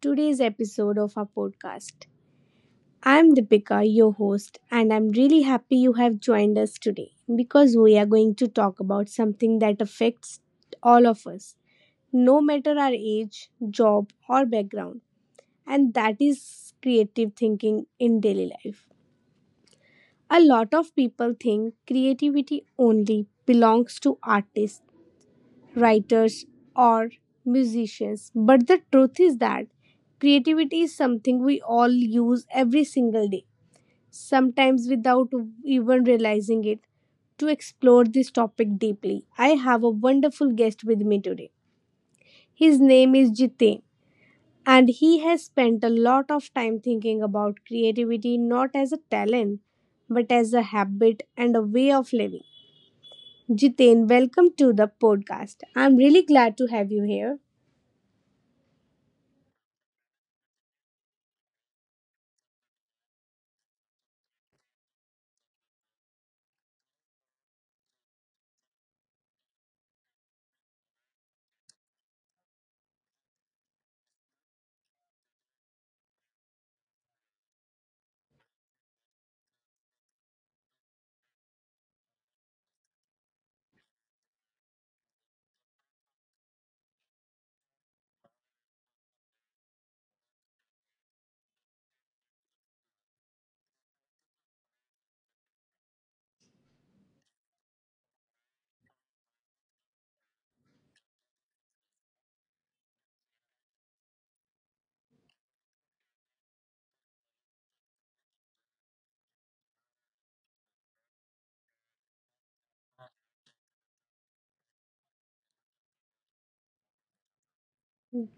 today's episode of our podcast. I'm Deepika, your host, and I'm really happy you have joined us today because we are going to talk about something that affects all of us, no matter our age, job, or background, and that is creative thinking in daily life. A lot of people think creativity only belongs to artists, writers, or musicians. But the truth is that creativity is something we all use every single day, sometimes without even realizing it. To explore this topic deeply, I have a wonderful guest with me today. His name is Jitain, and he has spent a lot of time thinking about creativity, not as a talent but as a habit and a way of living. Jitain, welcome to the podcast. I'm really glad to have you here.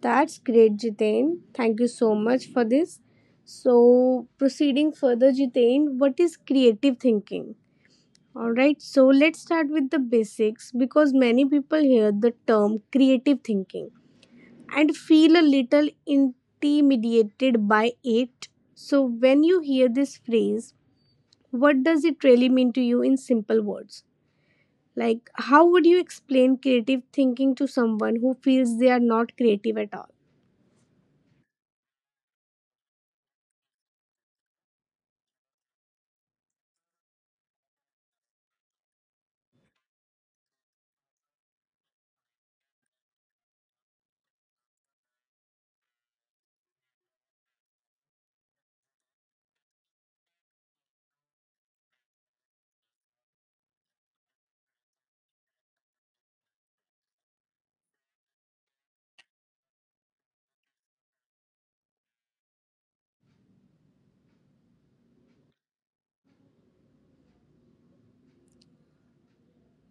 That's great, Jitain. Thank you so much for this. So, proceeding further, Jitain, what is creative thinking? All right, so let's start with the basics because many people hear the term creative thinking and feel a little intimidated by it. So, when you hear this phrase, what does it really mean to you in simple words? Like, how would you explain creative thinking to someone who feels they are not creative at all?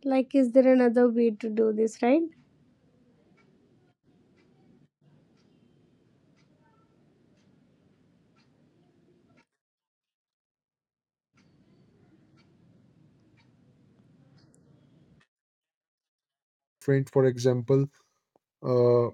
Like, is there another way to do this, right? Different. For example, uh,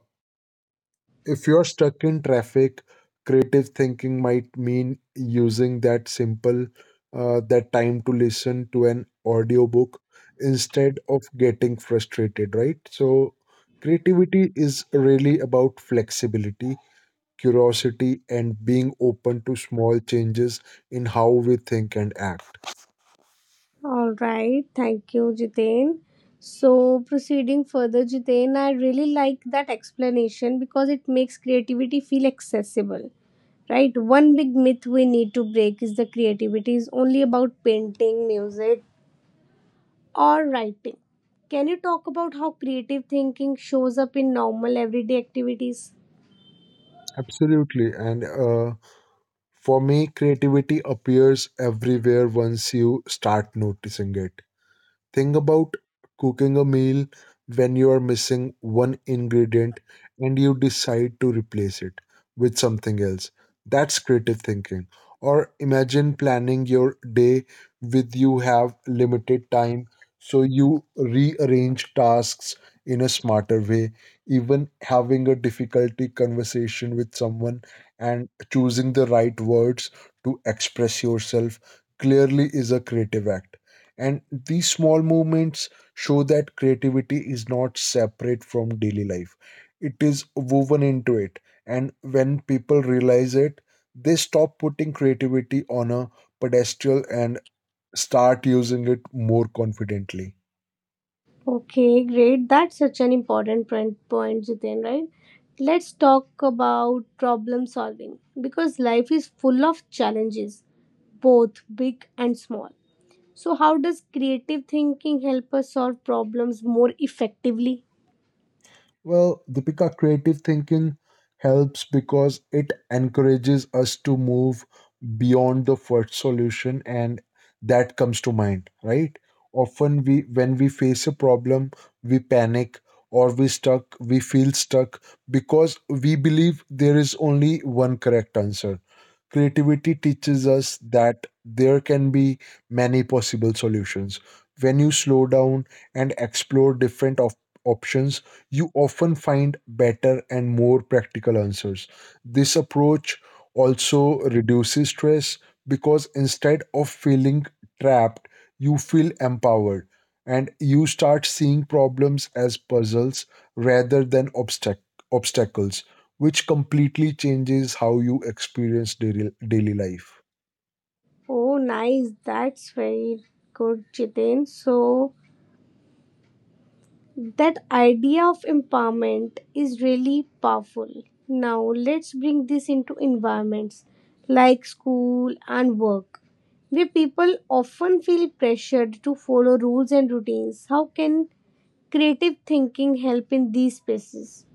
if you're stuck in traffic, creative thinking might mean using that time to listen to an audiobook instead of getting frustrated, right? So creativity is really about flexibility, curiosity, and being open to small changes in how we think and act. All right, thank you, Jiten. So, proceeding further, Jiten, I really like that explanation because it makes creativity feel accessible, right? One big myth we need to break is the creativity is only about painting, music, or writing. Can you talk about how creative thinking shows up in normal everyday activities? Absolutely, and for me, creativity appears everywhere once you start noticing it. Think about cooking a meal when you are missing one ingredient and you decide to replace it with something else. That's creative thinking. Or imagine planning your day with you have limited time, so you rearrange tasks in a smarter way. Even having a difficulty conversation with someone and choosing the right words to express yourself clearly is a creative act, and these small movements show that creativity is not separate from daily life, it is woven into it. And when people realize it, they stop putting creativity on a pedestal and start using it more confidently. Okay, great. That's such an important point, point, Jiten, right? Let's talk about problem solving because life is full of challenges, both big and small. So, how does creative thinking help us solve problems more effectively? Well, Deepika, creative thinking helps because it encourages us to move beyond the first solution and that comes to mind, right? Often, we when we face a problem, we panic or we feel stuck because we believe there is only one correct answer. Creativity teaches us that there can be many possible solutions. When you slow down and explore different options, you often find better and more practical answers. This approach also reduces stress because, instead of feeling trapped, you feel empowered and you start seeing problems as puzzles rather than obstacles, which completely changes how you experience daily life. Oh, nice. That's very good, Jiten. So, That idea of empowerment is really powerful. Now, let's bring this into environments like school and work, where people often feel pressured to follow rules and routines. How can creative thinking help in these spaces?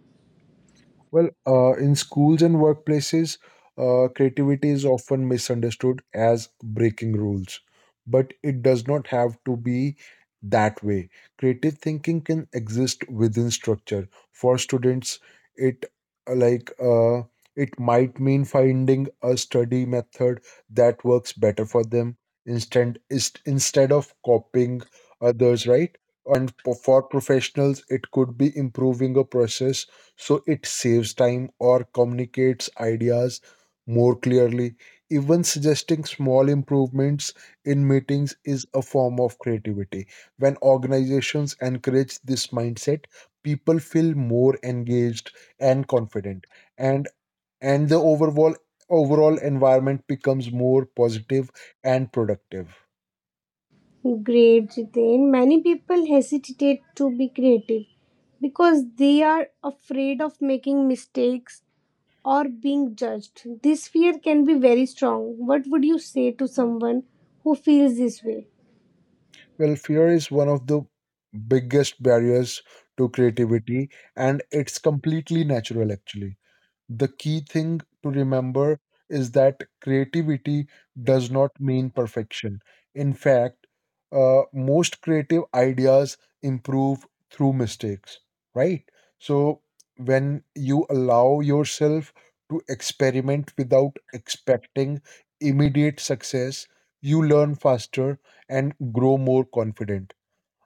Well, in schools and workplaces, creativity is often misunderstood as breaking rules, but it does not have to be that way. Creative thinking can exist within structure. For students, it uh, like uh, it might mean finding a study method that works better for them, instead of copying others, right? And for professionals, it could be improving a process so it saves time or communicates ideas more clearly. Even suggesting small improvements in meetings is a form of creativity. When organizations encourage this mindset, people feel more engaged and confident, and and the overall environment becomes more positive and productive. Great, Jitin. Many people hesitate to be creative because they are afraid of making mistakes or being judged. This fear can be very strong. What would you say to someone who feels this way? Well, fear is one of the biggest barriers to creativity, and it's completely natural actually. The key thing to remember is that creativity does not mean perfection. In fact, most creative ideas improve through mistakes, right? So, when you allow yourself to experiment without expecting immediate success, you learn faster and grow more confident.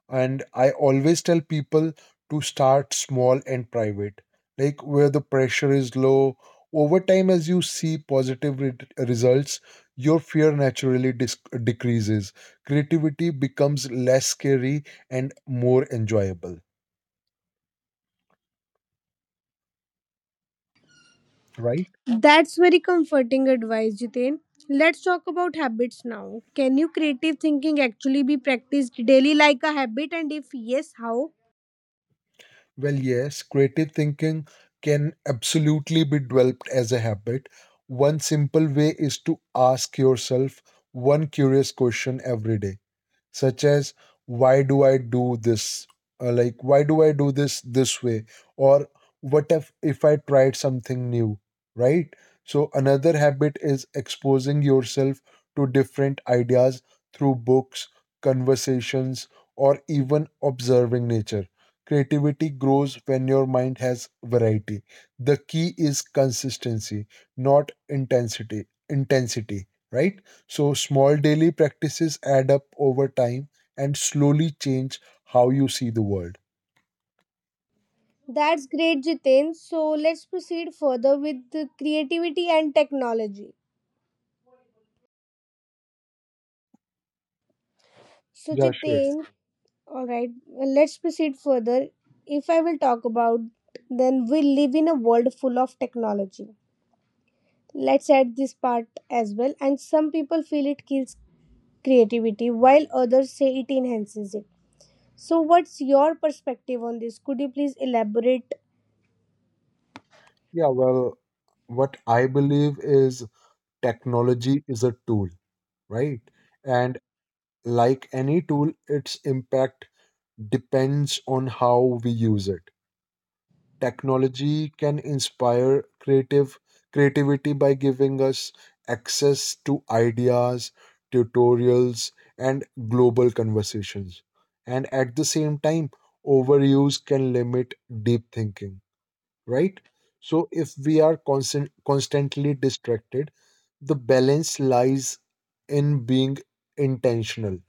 And I always tell people to start small and private, like where the pressure is low. Over time, as you see positive results, your fear naturally decreases. Creativity becomes less scary and more enjoyable, right? That's very comforting advice, Jiten. Let's talk about habits now. Can you creative thinking actually be practiced daily like a habit? And if yes, how? Well, yes, creative thinking can absolutely be developed as a habit. One simple way is to ask yourself one curious question every day, such as, why do I do this? Like, why do I do this way, or what if I tried something new, right? So another habit is exposing yourself to different ideas through books, conversations, or even observing nature. Creativity grows when your mind has variety. The key is consistency, not intensity intensity, right? So small daily practices add up over time and slowly change how you see the world. That's great, Jiten. So let's proceed further with the creativity and technology. So, Yeah, sure. Jiten, all right, let's proceed further. If I will talk about, then we live in a world full of technology. Let's add this part as well. And some people feel it kills creativity, while others say it enhances it. So, what's your perspective on this? Could you please elaborate? Yeah, well, what I believe is technology is a tool, right? And like any tool, its impact depends on how we use it. Technology can inspire creative creativity by giving us access to ideas, tutorials, and global conversations, and at the same time overuse can limit deep thinking, right? So if we are constantly distracted, the balance lies in being intentional.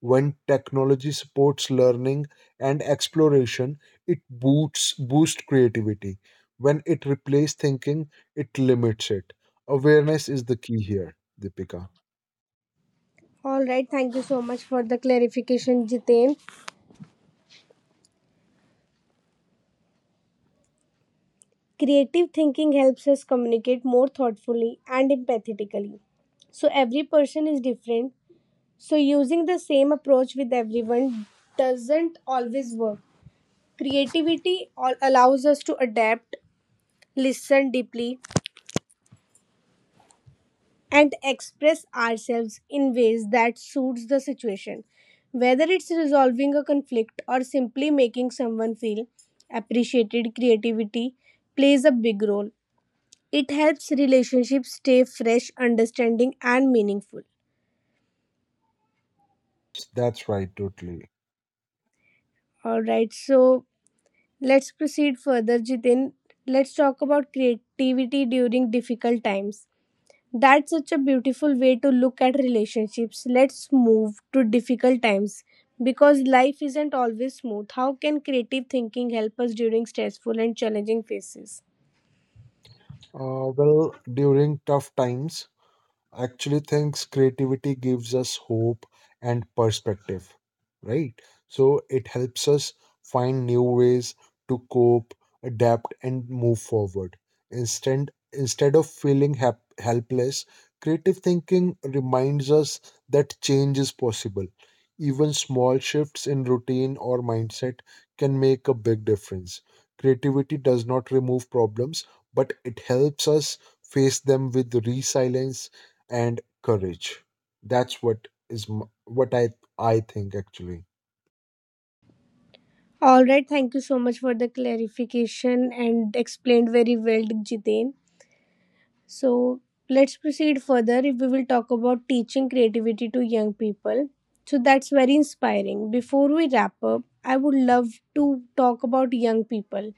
When technology supports learning and exploration, it boosts boost creativity. When it replaces thinking, it limits it. Awareness is the key here, Deepika. All right, thank you so much for the clarification, Jitain. Creative thinking helps us communicate more thoughtfully and empathetically. So, every person is different. So, using the same approach with everyone doesn't always work. Creativity all allows us to adapt, listen deeply, and express ourselves in ways that suits the situation. Whether it's resolving a conflict or simply making someone feel appreciated, creativity plays a big role. It helps relationships stay fresh, understanding, and meaningful. That's right, totally. All right, so let's proceed further, Jitin. Let's talk about creativity during difficult times. That's such a beautiful way to look at relationships. Let's move to difficult times. Because life isn't always smooth, how can creative thinking help us during stressful and challenging phases? Well, during tough times, actually thinks creativity gives us hope and perspective, right? So it helps us find new ways to cope, adapt, and move forward. Instead of feeling helpless, creative thinking reminds us that change is possible. Even small shifts in routine or mindset can make a big difference. Creativity does not remove problems, but it helps us face them with resilience and courage. That's what what I think actually. All right, thank you so much for the clarification and explained very well, Jiten. So, let's proceed further if we will talk about teaching creativity to young people. So, that's very inspiring. Before we wrap up, I would love to talk about young people.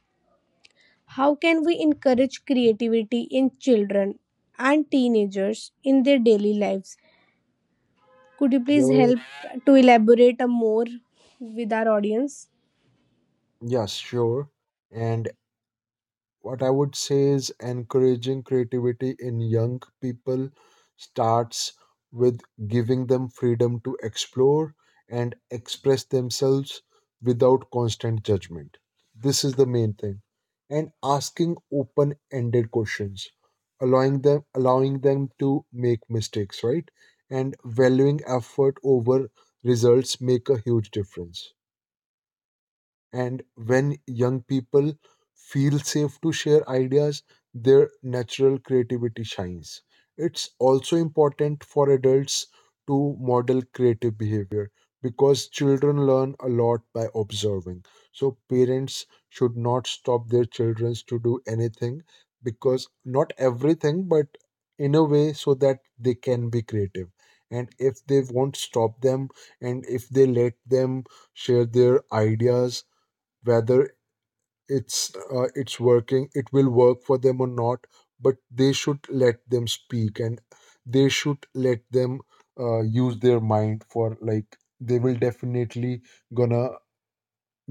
How can we encourage creativity in children and teenagers in their daily lives? Could you please Yo, help to elaborate a more with our audience? Yes, sure. And what I would say is, encouraging creativity in young people starts with giving them freedom to explore and express themselves without constant judgment. This is the main thing. And asking open ended questions, allowing them to make mistakes, right? And valuing effort over results make a huge difference. And when young people feel safe to share ideas, their natural creativity shines. It's also important for adults to model creative behavior, because children learn a lot by observing. So, parents should not stop their children to do anything, because not everything, but in a way so that they can be creative. And if they won't stop them and if they let them share their ideas, whether it will work for them or not, but they should let them speak and they should let them use their mind, for like they will definitely gonna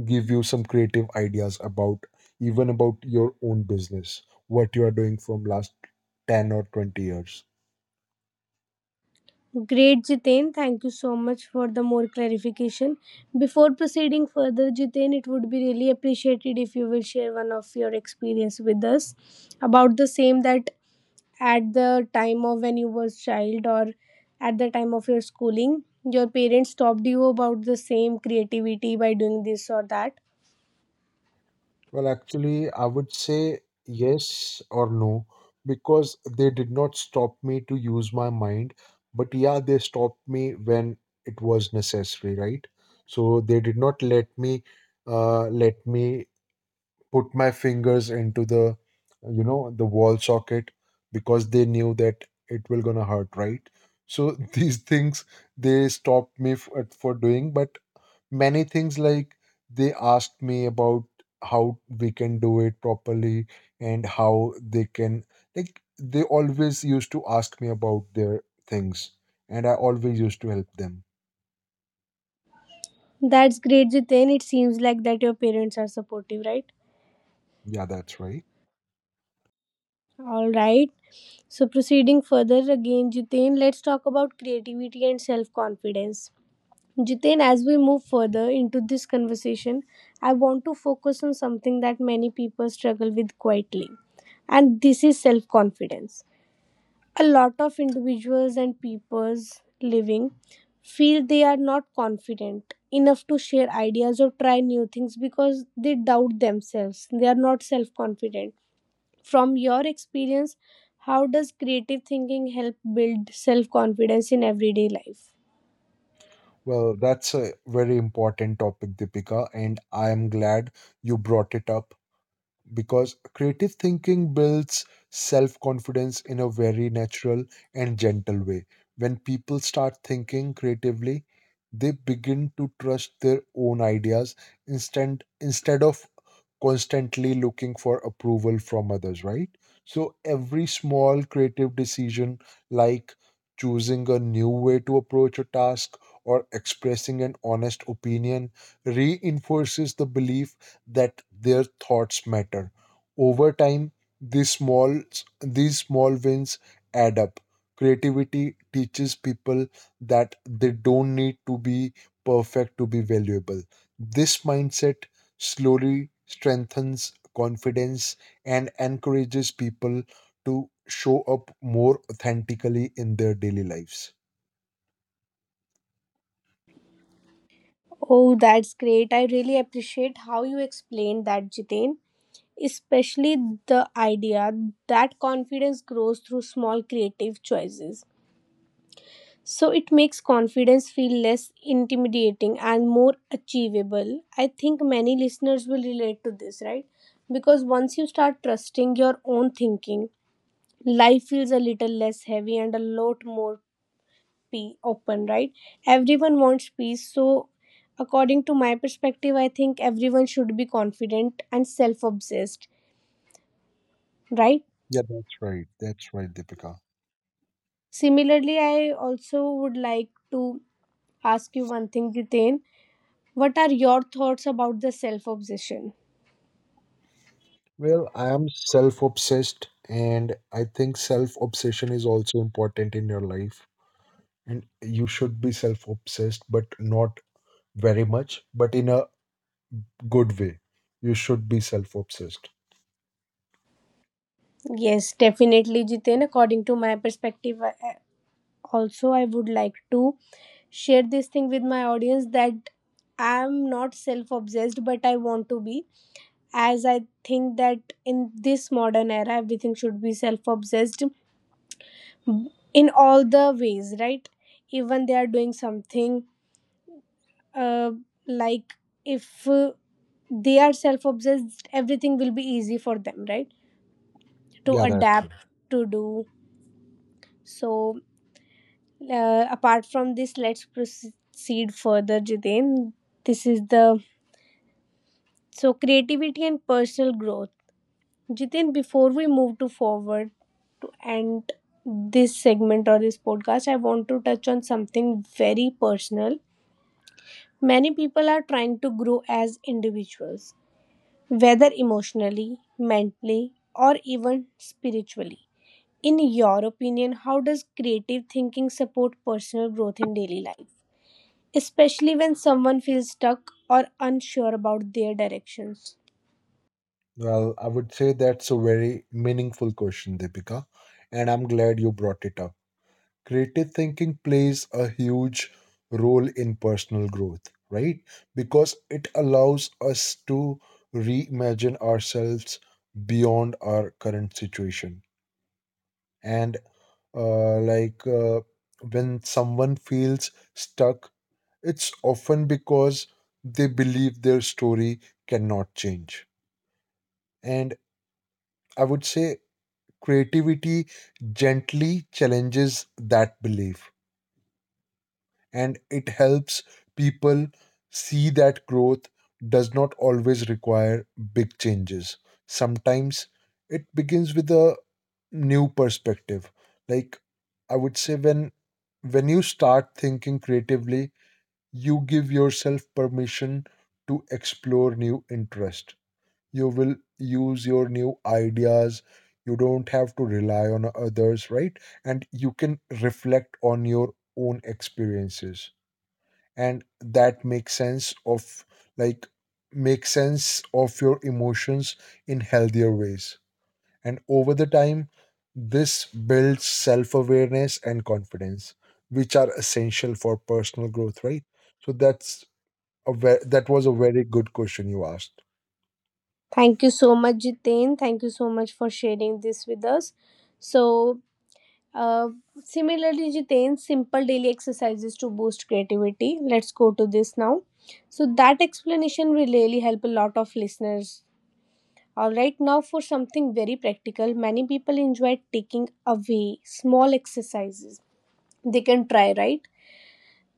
give you some creative ideas, about even about your own business, what you are doing from last 10 or 20 years. Great, Jiten. Thank you so much for the more clarification. Before proceeding further, Jiten, it would be really appreciated if you will share one of your experience with us about the same, that at the time of when you was child or at the time of your schooling your parents talked to you about the same creativity by doing this or that. Well, actually, I would say yes or no, because they did not stop me to use my mind, but yeah, they stopped me when it was necessary, right? So they did not let me put my fingers into the you know the wall socket, because they knew that it will gonna hurt, right? So these things they stopped me for doing, but many things like, they asked me about how we can do it properly, and how they can like they always used to ask me about their things, and I always used to help them. That's great, Jiten. It seems like that your parents are supportive, right? Yeah, that's right. All right, so proceeding further again, Jiten, let's talk about creativity and self confidence. Jiten, as we move further into this conversation, I want to focus on something that many people struggle with quietly, and this is self confidence. A lot of individuals and peoples living feel they are not confident enough to share ideas or try new things because they doubt themselves. They are not self confident. From your experience, how does creative thinking help build self confidence in everyday life? Well, that's a very important topic, Deepika, and I am glad you brought it up, because creative thinking builds self confidence in a very natural and gentle way. When people start thinking creatively, they begin to trust their own ideas, instead of constantly looking for approval from others, right? So every small creative decision, like choosing a new way to approach a task or expressing an honest opinion, reinforces the belief that their thoughts matter. Over time, these small these small wins add up. Creativity teaches people that they don't need to be perfect to be valuable. This mindset slowly strengthens confidence and encourages people to show up more authentically in their daily lives. Oh, that's great. I really appreciate how you explained that, Jitain, especially the idea that confidence grows through small creative choices. So it makes confidence feel less intimidating and more achievable. I think many listeners will relate to this, right? Because once you start trusting your own thinking, life feels a little less heavy and a lot more open, right? Everyone wants peace. So, according to my perspective, I think everyone should be confident and self obsessed, right? Yeah, that's right. That's right, Deepika. Similarly, I also would like to ask you one thing, Jitain. What are your thoughts about the self obsession? Well, I am self obsessed, and I think self obsession is also important in your life. And you should be self obsessed, but not very much, but in a good way. You should be self obsessed. Yes, definitely, Jiten. According to my perspective, also, I would like to share this thing with my audience that I'm not self obsessed, but I want to be. As I think that in this modern era, everything should be self obsessed in all the ways, right? Even they are doing something, uh, like if they are self obsessed, everything will be easy for them, right? To Yeah, that's true. adapt to do So apart from this, let's proceed further, Jitin. This is the, so creativity and personal growth. Jitin, before we move to forward to end this segment or this podcast, I want to touch on something very personal. Many people are trying to grow as individuals, whether emotionally, mentally, or even spiritually. In your opinion, how does creative thinking support personal growth in daily life, especially when someone feels stuck or unsure about their directions? Well, I would say that's a very meaningful question, Deepika, and I'm glad you brought it up. Creative thinking plays a huge role in personal growth, right? Because it allows us to reimagine ourselves beyond our current situation. And like when someone feels stuck, it's often because they believe their story cannot change. And I would say creativity gently challenges that belief, and it helps people see that growth does not always require big changes. Sometimes it begins with a new perspective. Like, I would say, when you start thinking creatively, you give yourself permission to explore new interest, you will use your new ideas, you don't have to rely on others, right? And you can reflect on your own experiences, and that makes sense of like, make sense of your emotions in healthier ways, and over the time this builds self-awareness and confidence, which are essential for personal growth, right? So that's a that was a very good question you asked. Thank you so much, Jitain. Thank you so much for sharing this with us. So, uh, similarly, Jitain, simple daily exercises to boost creativity. Let's go to this now. So, that explanation will really help a lot of listeners. All right, now for something very practical. Many people enjoy taking away small exercises. They can try, right?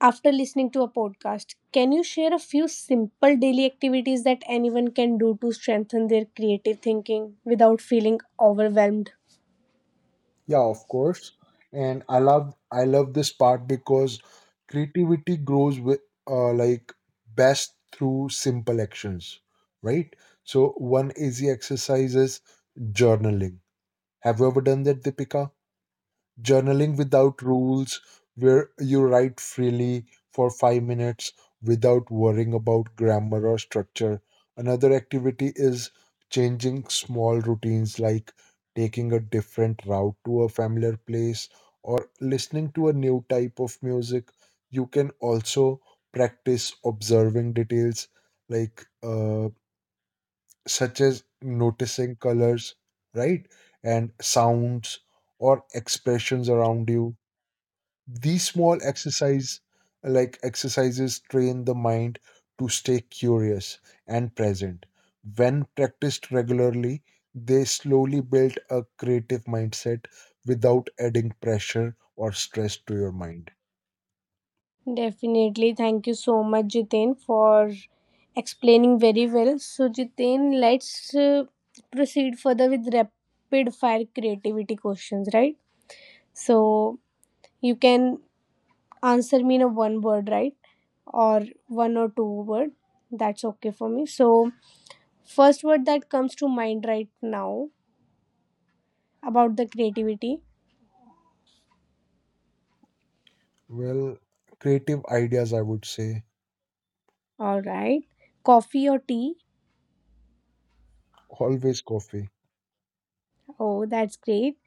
After listening to a podcast, can you share a few simple daily activities that anyone can do to strengthen their creative thinking without feeling overwhelmed? Yeah, of course. And I love this part, because creativity grows with like best through simple actions, right? So one easy exercise is journaling. Have you ever done that, Deepika? Journaling without rules, where you write freely for 5 minutes without worrying about grammar or structure. Another activity is changing small routines, like taking a different route to a familiar place or listening to a new type of music. You can also practice observing details, like uh, such as noticing colors, right? And sounds or expressions around you. These small exercises train the mind to stay curious and present. When practiced regularly, they slowly build a creative mindset without adding pressure or stress to your mind. Definitely. Thank you so much, Jitain, for explaining very well. So, Jitain, let's proceed further with rapid fire creativity questions, right? So, you can answer me in a one word, right, or one or two word. That's okay for me. So, first word that comes to mind right now about the creativity. Well, creative ideas, I would say, All right, coffee or tea? always coffee, Oh, that's great.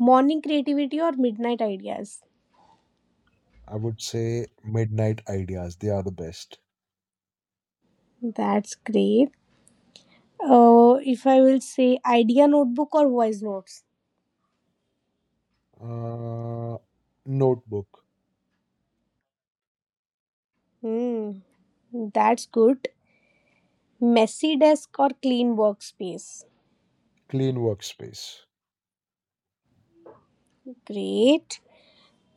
Morning creativity or midnight ideas? I would say midnight ideas, they are the best. That's great. Oh, if I will say, idea notebook or voice notes? uh, Notebook, hmm that's good. Messy desk or clean workspace? clean workspace, Great.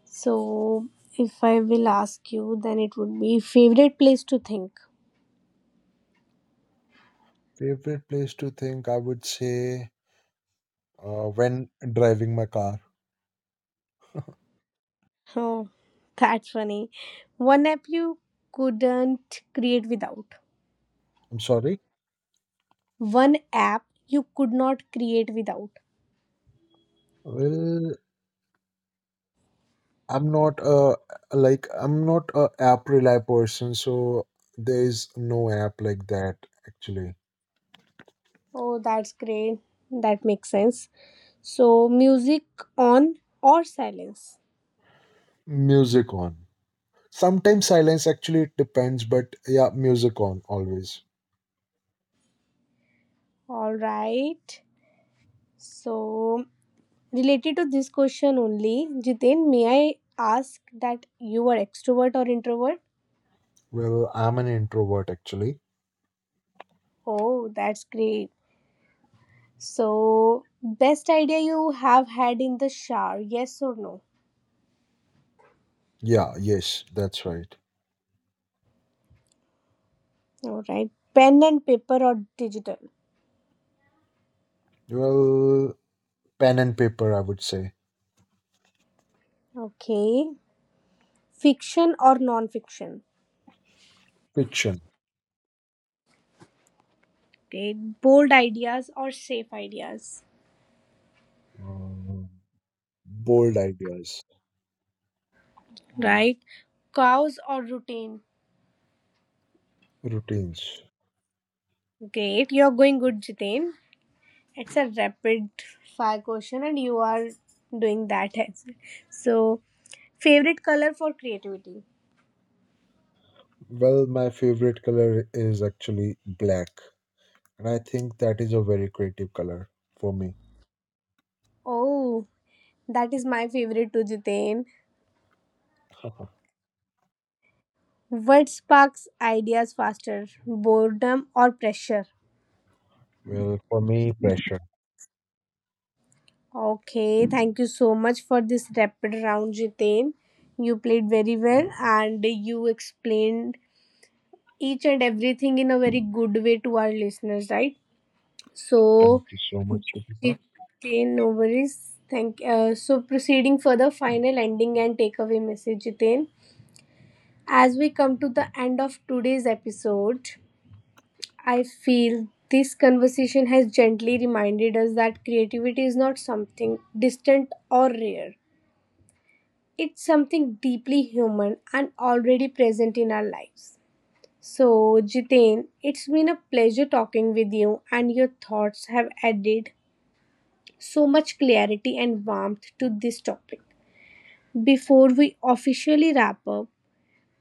So, if I will ask you, then it would be favorite place to think. favorite place to think, I would say, when driving my car. Oh, that's funny. One app you couldn't create without. I'm sorry. One app you could not create without. Well, I'm not uh I'm not a app rely person, so there is no app like that actually. Oh, that's great. That makes sense. So, music on or silence? Music on. Sometimes silence, actually it depends, but yeah, music on always. All right. So, related to this question only, Jiten, may I ask that you are extrovert or introvert? Well, I'm an introvert actually. Oh, that's great. So, best idea you have had in the shower, yes or no? Yeah, yes, that's right. All right. Pen and paper or digital? Well, pen and paper, I would say. Okay. Fiction or non fiction? Fiction. Okay. Bold ideas or safe ideas? Um Bold ideas, Right. Cows or routine? routines. Great. You're going good, Jitain. It's a rapid fire question, and you are doing that as well. So, favorite color for creativity? Well, my favorite color is actually black, and I think that is a very creative color for me. Oh, that is my favorite too, Jitain. What sparks ideas faster, boredom or pressure? Well, for me, pressure. Okay, thank you so much for this rapid round, Jiten. You played very well and you explained each and everything in a very good way to our listeners, right? Thank So, you so much, Deepika. Jiten, no worries. Thank. So, proceeding for the final ending and takeaway message, Jiten. As we come to the end of today's episode, I feel this conversation has gently reminded us that creativity is not something distant or rare. It's something deeply human and already present in our lives. So, Jitain, it's been a pleasure talking with you, and your thoughts have added so much clarity and warmth to this topic. Before we officially wrap up,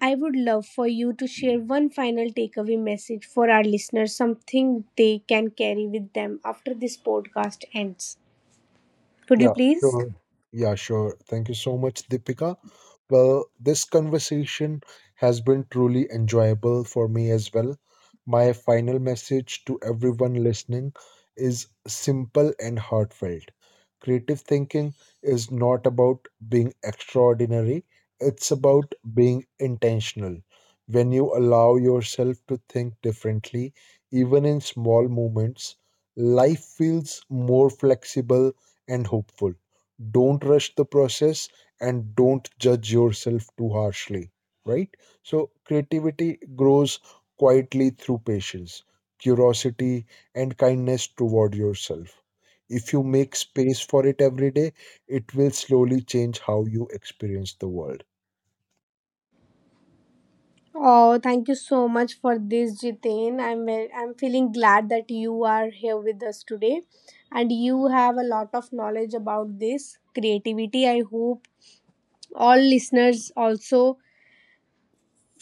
I would love for you to share one final takeaway message for our listeners, something they can carry with them after this podcast ends. Could you Yeah, please? sure. Yeah, sure. Thank you so much, Deepika. Well, this conversation has been truly enjoyable for me as well. My final message to everyone listening is simple and heartfelt. Creative thinking is not about being extraordinary, it's about being intentional. When you allow yourself to think differently, even in small moments, life feels more flexible and hopeful. Don't rush the process and don't judge yourself too harshly, right? So, creativity grows quietly through patience, curiosity, and kindness toward yourself. If you make space for it every day, it will slowly change how you experience the world. Oh, thank you so much for this, Jitain. I'm feeling glad that you are here with us today, and you have a lot of knowledge about this creativity. I hope all listeners also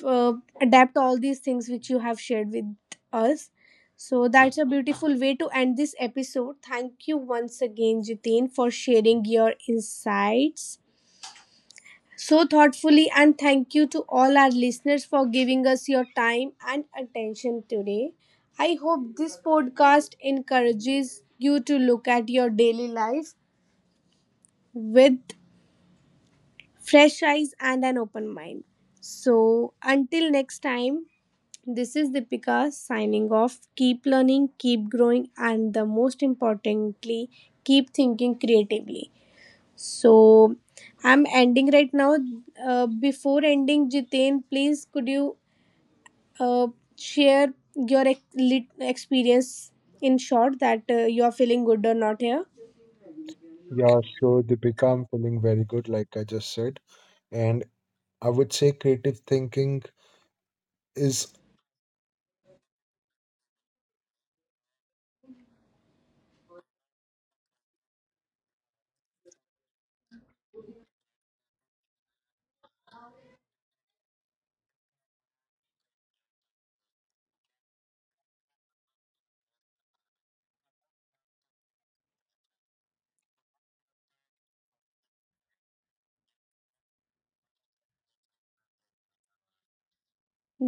uh, adapt all these things which you have shared with us. So that's a beautiful way to end this episode. Thank you once again, Jitin, for sharing your insights so thoughtfully. And thank you to all our listeners for giving us your time and attention today. I hope this podcast encourages you to look at your daily life with fresh eyes and an open mind. So, until next time, this is Deepika signing off. Keep learning, keep growing, and the most importantly, keep thinking creatively. So, I'm ending right now. Before ending, Jiten, please could you uh, share your experience in short that you are feeling good or not here? Yeah, sure, Deepika. I'm feeling very good, like I just said. And I would say creative thinking is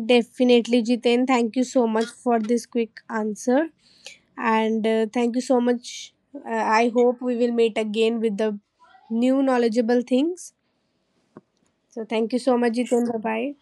Definitely, Jiten. Thank you so much for this quick answer. And thank you so much. I hope we will meet again with the new knowledgeable things. So, thank you so much, Jiten. Bye bye.